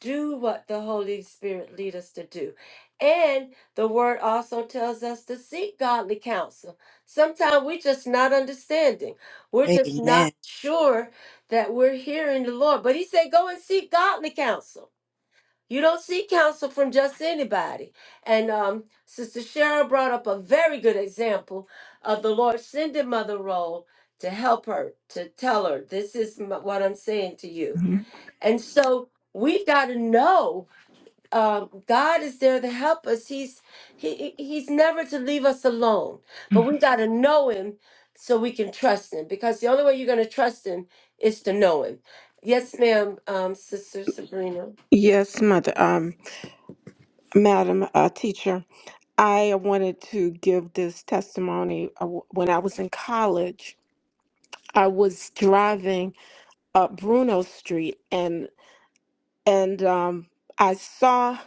do what the Holy Spirit lead us to do. And the word also tells us to seek godly counsel. Sometimes we're just not understanding. We're just not
Amen.
sure that we're hearing the Lord. But he said, go and seek godly counsel. You don't seek counsel from just anybody. And um, Sister Cheryl brought up a very good example of the Lord sending Mother Roll to help her, to tell her, this is m- what I'm saying to you.
Mhm.
And so we've got to know um, God is there to help us. He's he he- he's never to leave us alone. But we got to know him so we can trust him because the only way you're going to trust him is to know him. Yes, ma'am, um, Sister Sabrina.
Yes, mother, um, madam, uh, teacher. I wanted to give this testimony. Uh, w- When I was in college, I was driving up Bruno Street, and and um, I saw,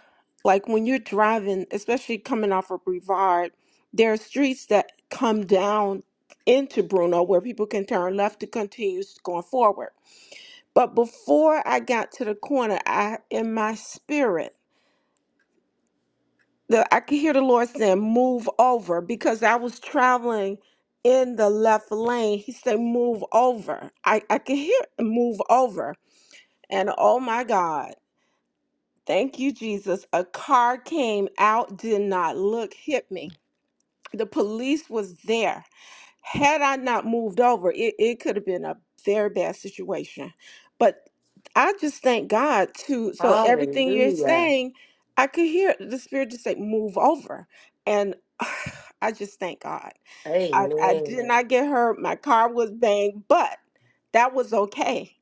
like, when you're driving, especially coming off of Brevard, there are streets that come down into Bruno where people can turn left to continue going forward. But before I got to the corner, I in my spirit. the I could hear the Lord saying, "Move over," because I was traveling in the left lane. He said, "Move over." I I could hear "move over," and oh my God, thank you, Jesus! A car came out, did not look, hit me. The police was there had I not moved over, it, it could have been a very bad situation. But I just thank God too. So everything you're
Hallelujah.
saying, I could hear the spirit just say, move over. And I just thank God. I, I did
Amen.
not get hurt. My car was banged, but that was okay.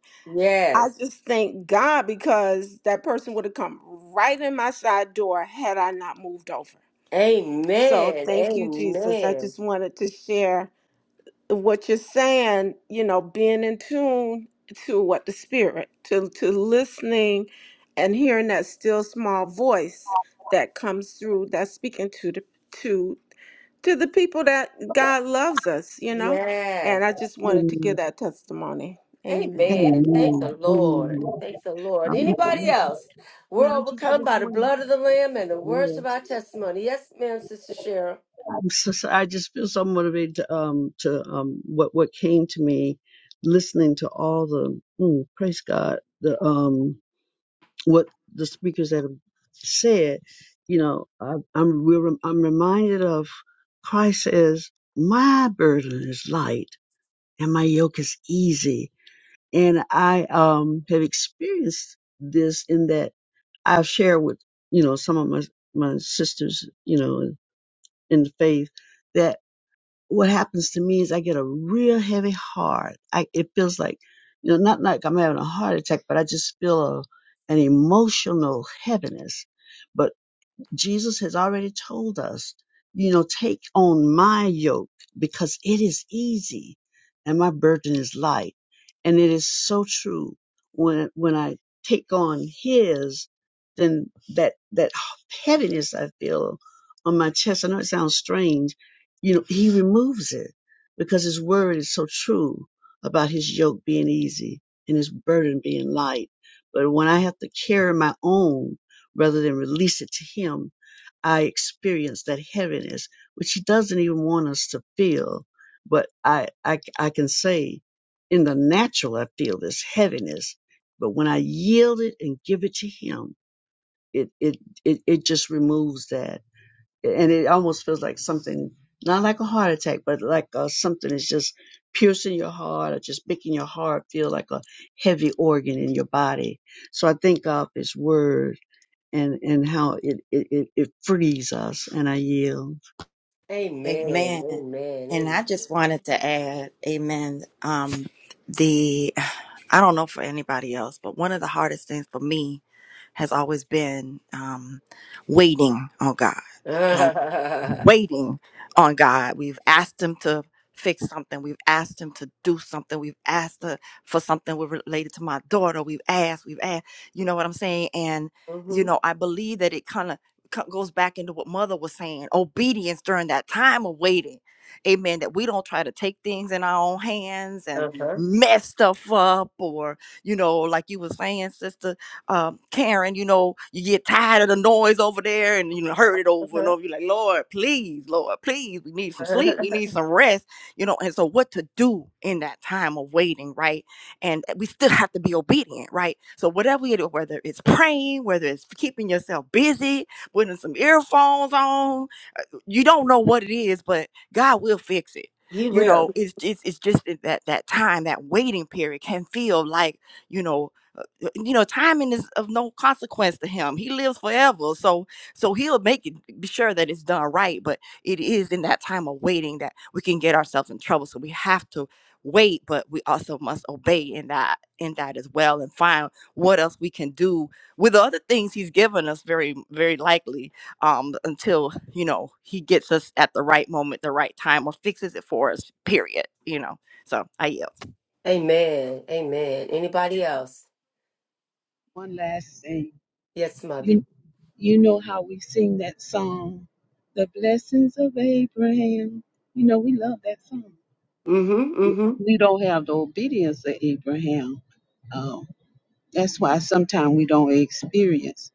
I
Yes.
just thank God because that person would have come right in my side door had I not moved over. So
Amen.
thank you, Jesus. I
Amen.
just wanted to share what you're saying, you know, being in tune to what the spirit, to to listening and hearing that still small voice that comes through that's speaking to the to to the people that God loves us, you know?
Yes.
And I just wanted to
Amen.
give that testimony. Amen.
Amen. Thank
Amen.
the Lord.
Amen.
Thank the Lord. Anybody
Um,
else? We're
Madam Chief,
overcome
this
by the
morning.
blood of the Lamb and the words of
Yes.
our testimony. Yes, ma'am, Sister Cheryl.
I'm so, so- I just feel so motivated to um to um what what came to me listening to all the mm, praise God the um what the speakers that have said you know I, I'm we're, rem- I'm reminded of Christ says my burden is light and my yoke is easy and I um have experienced this in that I've shared with you know some of my my sisters you know in the faith that what happens to me is I get a real heavy heart. I, it feels like, you know, not like I'm having a heart attack, but I just feel a, an emotional heaviness. But Jesus has already told us, you know, take on my yoke because it is easy and my burden is light. And it is so true. When, when I take on his, then that, that heaviness I feel on my chest, I know it sounds strange, you know, he removes it because his word is so true about his yoke being easy and his burden being light. But when I have to carry my own rather than release it to him, I experience that heaviness, which he doesn't even want us to feel. But I, I, I can say in the natural, I feel this heaviness. But when I yield it and give it to him, it, it, it, it just removes that. And it almost feels like something, not like a heart attack, but like uh, something is just piercing your heart or just making your heart feel like a heavy organ in your body. So I thank God for his word and and how it it it, it frees us. And I yield.
Amen.
Amen. And
Amen.
I just wanted to add, amen. Um, the I don't know for anybody else, but one of the hardest things for me has always been um, waiting on God. um,
Amen.
waiting on God. We've asked Him to fix something. We've asked Him to do something. We've asked uh, for something with- related to my daughter. We've asked. We've asked. You know what I'm saying? And you
mm-hmm.
know, I believe that it kind of goes back into what Mother was saying: obedience during that time of waiting. Amen. That we don't try to take things in our own hands and
Uh-huh.
mess stuff up, or you know, like you were saying, Sister um, Karen, you know, you get tired of the noise over there and you know, heard it over and
Uh-huh.
over. You're like, Lord, please, Lord, please, we need some sleep, we need some rest, you know. And so, what to do in that time of waiting, right? And we still have to be obedient, right? So, whatever it is, whether it's praying, whether it's keeping yourself busy, putting some earphones on, you don't know what it is, but God will fix it.
He
You know,
will.
it's it's it's just that that that time, that waiting period can feel like, you know, uh, uh, you know, timing is of no consequence to him. He lives forever. So so he'll make it be sure that it's done right, but it is in that time of waiting that we can get ourselves in trouble. So we have to wait, but we also must obey in that in that as well and find what else we can do with the other things he's given us very very likely um, until you know he gets us at the right moment, the right time, or fixes it for us. Period. You know. So I yield.
Amen. Amen. Anybody else?
One last thing.
Yes, Mother.
You you know how we sing that song, The Blessings of Abraham. You know we love that song.
Mm-hmm. Mm-hmm.
we don't have the obedience of Abraham. Um, that's why sometimes we don't experience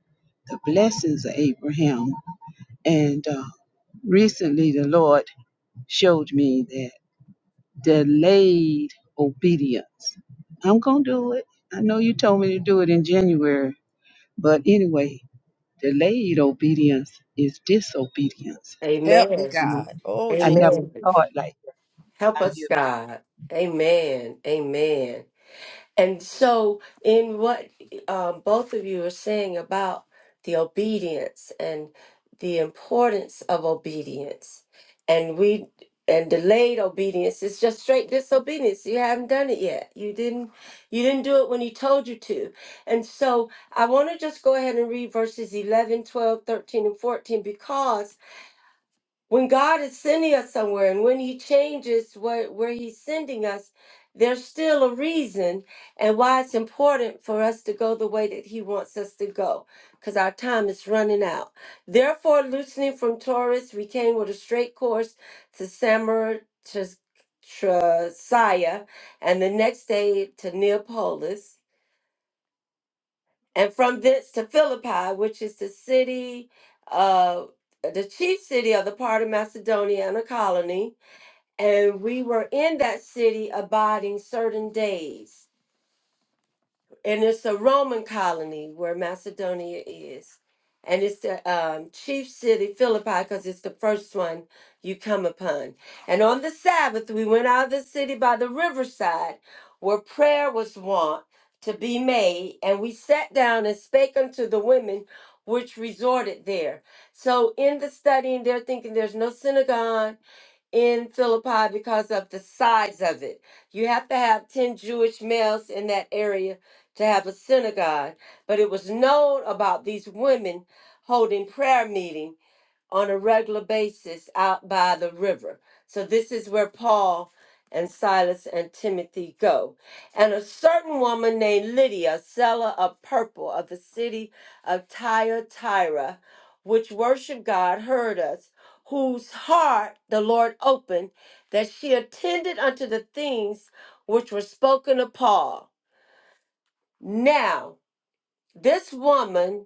the blessings of Abraham. And uh, recently, the Lord showed me that delayed obedience. I'm going to do it. I know you told me to do it in January. But anyway, delayed obedience is disobedience.
Help me,
Amen.
You know,
God. Oh,
I never
Jesus.
Amen.
saw it like
Help
that.
us, God. Amen. Amen. And so, in what um, both of you are saying about the obedience and the importance of obedience, and we and delayed obedience is just straight disobedience. You haven't done it yet. You didn't. You didn't do it when he told you to. And so, I want to just go ahead and read verses 11, 12, 13, and 14 because when God is sending us somewhere and when He changes where, where He's sending us, there's still a reason and why it's important for us to go the way that He wants us to go because our time is running out. Therefore, loosening from Taurus, we came with a straight course to Samar to Trasiah and the next day to Neapolis and from thence to Philippi, which is the city of the chief city of the part of Macedonia and a colony. And we were in that city abiding certain days and it's a Roman colony where Macedonia is. And it's the um, chief city, Philippi, because it's the first one you come upon. And on the Sabbath, we went out of the city by the riverside where prayer was wont to be made. And we sat down and spake unto the women which resorted there. So in the studying, they're thinking there's no synagogue in Philippi because of the size of it. You have to have 10 Jewish males in that area to have a synagogue. But it was known about these women holding prayer meeting on a regular basis out by the river. So this is where Paul and Silas and Timothy go. And a certain woman named Lydia, a seller of purple of the city of Thyatira, which worshiped God, heard us, whose heart the Lord opened, that she attended unto the things which were spoken of Paul. Now, this woman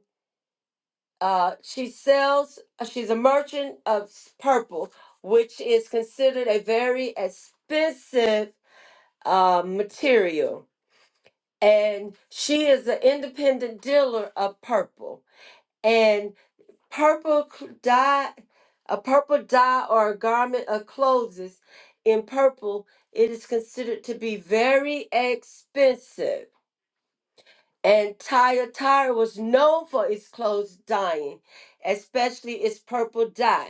uh, she sells, uh, she's a merchant of purple, which is considered a very expensive uh, material. And she is an independent dealer of purple. And purple c- dye, a purple dye or a garment of clothes in purple, it is considered to be very expensive. And Tyatira was known for its clothes dyeing, especially its purple dye.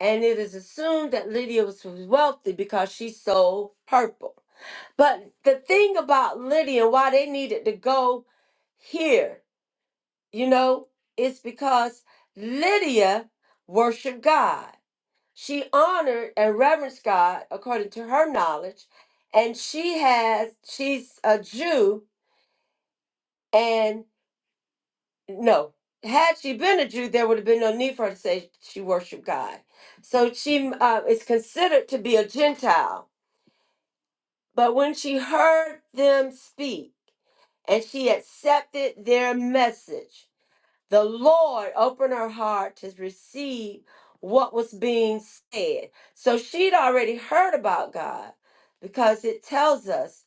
and it is assumed that Lydia was wealthy because she sold purple. But the thing about Lydia and why they needed to go here, you know, is because Lydia worshiped God. She honored and reverenced God according to her knowledge, and she has she's a Jew and no. Had she been a Jew, there would have been no need for her to say she worshiped God. So she uh, is considered to be a Gentile But when she heard them speak and she accepted their message, the Lord opened her heart to receive what was being said. So she'd already heard about God because it tells us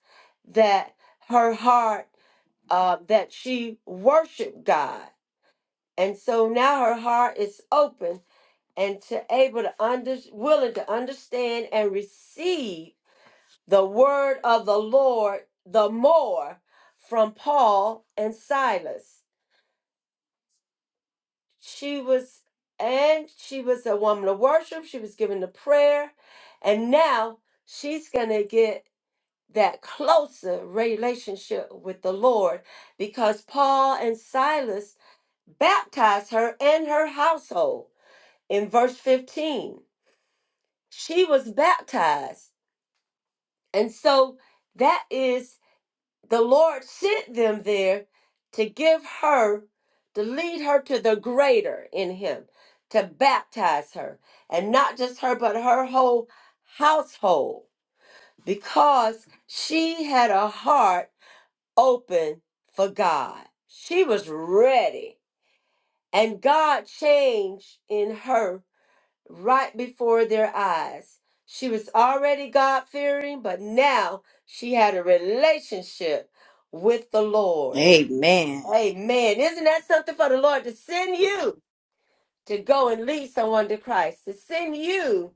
that her heart, uh, that she worshiped God. And so now her heart is open and to able to under willing to understand and receive the word of the Lord the more from Paul and Silas. She was, and she was a woman of worship. She was given the prayer. And now she's going to get that closer relationship with the Lord because Paul and Silas baptized her and her household in verse 15. She was baptized. And so that is the Lord sent them there to give her, to lead her to the greater in Him, to baptize her. And not just her, but her whole household, because she had a heart open for God. She was ready. And God changed in her right before their eyes. She was already God fearing, but now she had a relationship with the Lord.
Amen.
Amen. Isn't that something for the Lord to send you to go and lead someone to Christ, to send you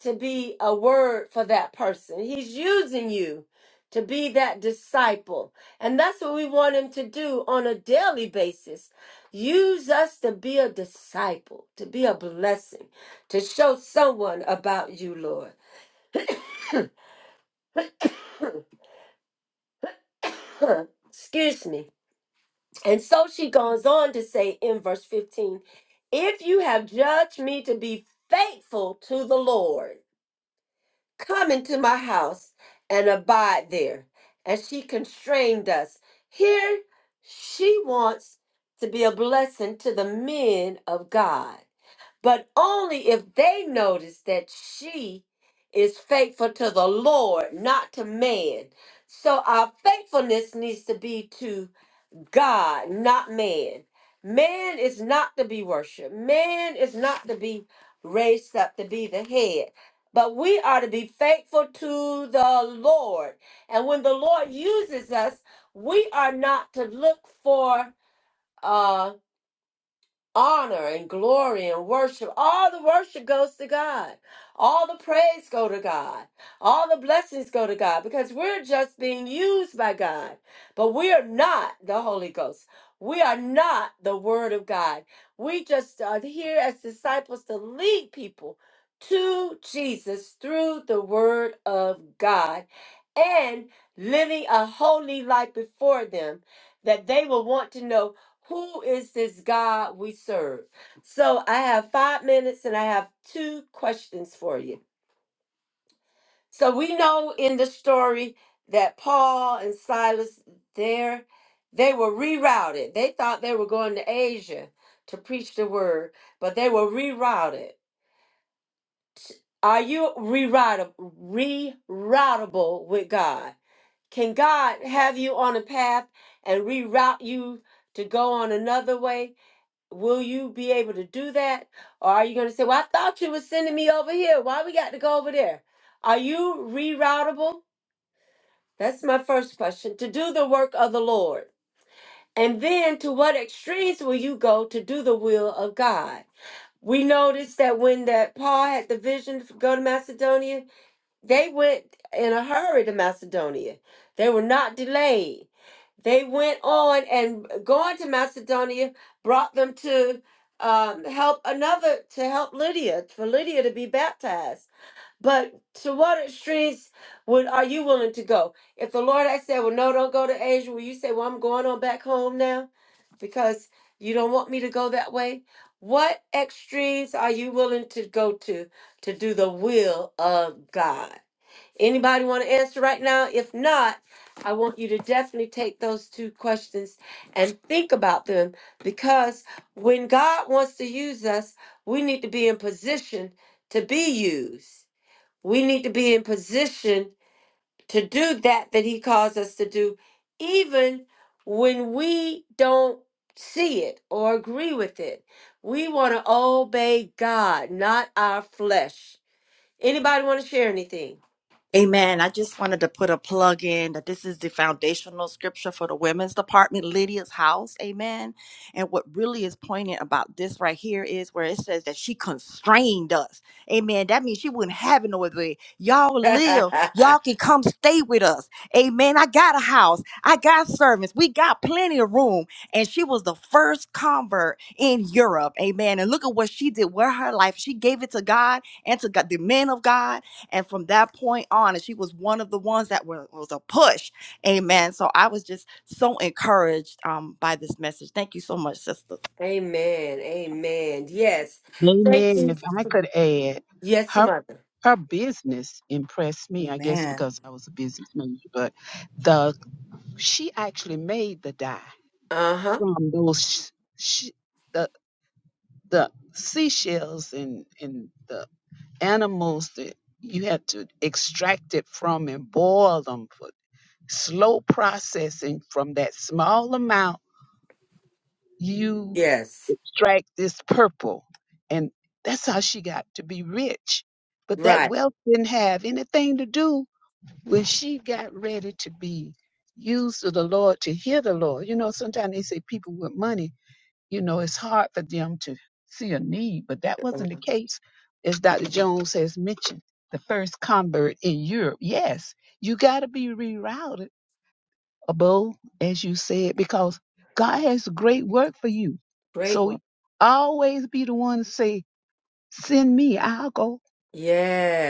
to be a word for that person? He's using you to be that disciple. And that's what we want him to do on a daily basis. Use us to be a disciple, to be a blessing, to show someone about you, Lord. Excuse me. And so she goes on to say in verse 15, If you have judged me to be faithful to the Lord, come into my house and abide there. And she constrained us. Here she wants to be a blessing to the men of God, but only if they notice that she is faithful to the Lord, not to man. So our faithfulness needs to be to God, not man. Man is not to be worshiped. Man is not to be raised up to be the head. But we are to be faithful to the Lord. And when the Lord uses us, we are not to look for uh, honor and glory and worship. All the worship goes to God. All the praise go to God. All the blessings go to God because we're just being used by God. But we are not the Holy Ghost. We are not the word of God. We just are here as disciples to lead people to Jesus through the word of God and living a holy life before them that they will want to know who is this God we serve? So I have five minutes and I have two questions for you. So we know in the story that Paul and Silas there, they were rerouted. They thought they were going to Asia to preach the word, but they were rerouted. Are you reroutable, reroutable with God? Can God have you on a path and reroute you to go on another way? Will you be able to do that? Or are you going to say, Well, I thought you were sending me over here. Why we got to go over there? Are you reroutable? That's my first question. To do the work of the Lord. And then to what extremes will you go to do the will of God? We noticed that when that Paul had the vision to go to Macedonia, they went in a hurry to Macedonia. They were not delayed they went on and going to Macedonia brought them to um, help another to help Lydia for Lydia to be baptized. But to what extremes would are you willing to go? If the Lord had said, "Well, no, don't go to Asia," will you say, "Well, I'm going on back home now because you don't want me to go that way"? What extremes are you willing to go to to do the will of God? Anybody want to answer right now? If not, I want you to definitely take those two questions and think about them because when God wants to use us, we need to be in position to be used. We need to be in position to do that that He calls us to do, even when we don't see it or agree with it. We want to obey God, not our flesh. Anybody want to share anything?
Amen. I just wanted to put a plug in that this is the foundational scripture for the women's department, Lydia's house. Amen. And what really is poignant about this right here is where it says that she constrained us. Amen. That means she wouldn't have it no other way. Y'all live. Y'all can come stay with us. Amen. I got a house. I got servants. We got plenty of room. And she was the first convert in Europe. Amen. And look at what she did with her life. She gave it to God and to God, the men of God and from that point on, and she was one of the ones that were, was a push. Amen. So I was just so encouraged um, by this message. Thank you so much, sister.
Amen. Amen. Yes. Thank
Amen.
you.
If I could add,
Yes,
her
mother.
her business impressed me. I guess
Amen.
because I was a business major, but the she actually made the dye
Uh huh.
from those sh- sh- the the seashells and and the animals that you had to extract it from and boil them for slow processing from that small amount You
Yes.
extract this purple. And that's how she got to be rich. But that
Right.
wealth didn't have anything to do when she got ready to be used of the Lord to hear the Lord. You know, sometimes they say people with money, you know, it's hard for them to see a need, but that wasn't the case. As Dr. Jones has mentioned, the first convert in Europe. Yes, you got to be rerouted above, as you said, because God has great work for you.
Great
So
one.
always be the one to say, send me, I'll go,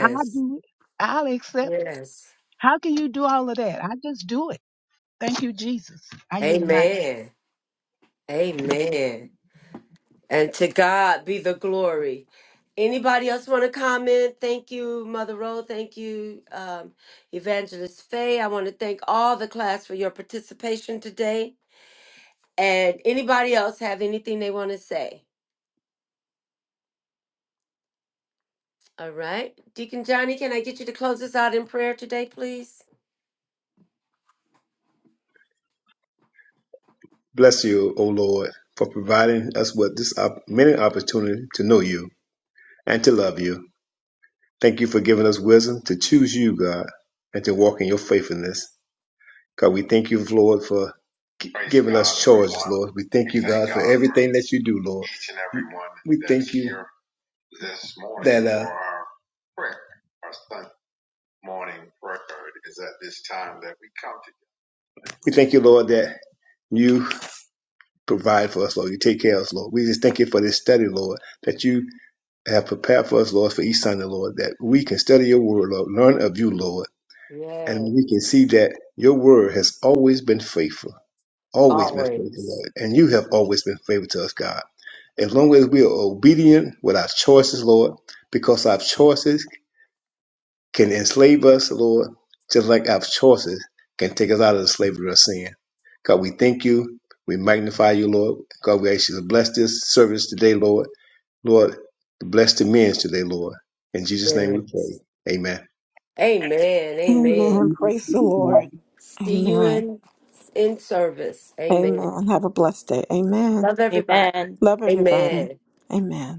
I'll do it, I'll accept it.
Yes.
How can you do all of that? I just do it. Thank you, Jesus. I yield the mic.
Amen. Amen. And to God be the glory. Anybody else want to comment? Thank you, Mother Rowe. Thank you, um, Evangelist Faye. I want to thank all the class for your participation today. And anybody else have anything they want to say? All right. Deacon Johnny, can I get you to close us out in prayer today, please?
Bless you, O Lord, for providing us with this op- many opportunity to know you and to love you. Thank you for giving us wisdom to choose you, God, and to walk in your faithfulness. God, we thank you, Lord, for gi- Praise giving God, us choices. everyone. Lord. We thank We you, thank God, for God everything that you do, for Lord. Each and everyone we that thank is you here this morning that uh, for our- we thank you, Lord, that you provide for us, Lord. You take care of us, Lord. We just thank you for this study, Lord, that you have prepared for us, Lord, for each Sunday, Lord, that we can study your word, Lord, learn of you, Lord,
Yes,
and we can see that your word has always been faithful, always been faithful,
always.
Lord, and you have always been faithful to us, God. as long as we are obedient with our choices, Lord, because our choices can enslave us, Lord, just like our choices can take us out of the slavery of sin. God, we thank you. We magnify you, Lord. God, we ask you to bless this service today, Lord. Lord, bless the men today, Lord. In Jesus' name we pray.
Yes.
Amen.
Amen. Amen.
Amen. Praise the Lord.
See you
Amen.
in in service. Amen.
Amen. Have a blessed day. Amen.
Love everybody.
Love everybody.
Amen.
Amen.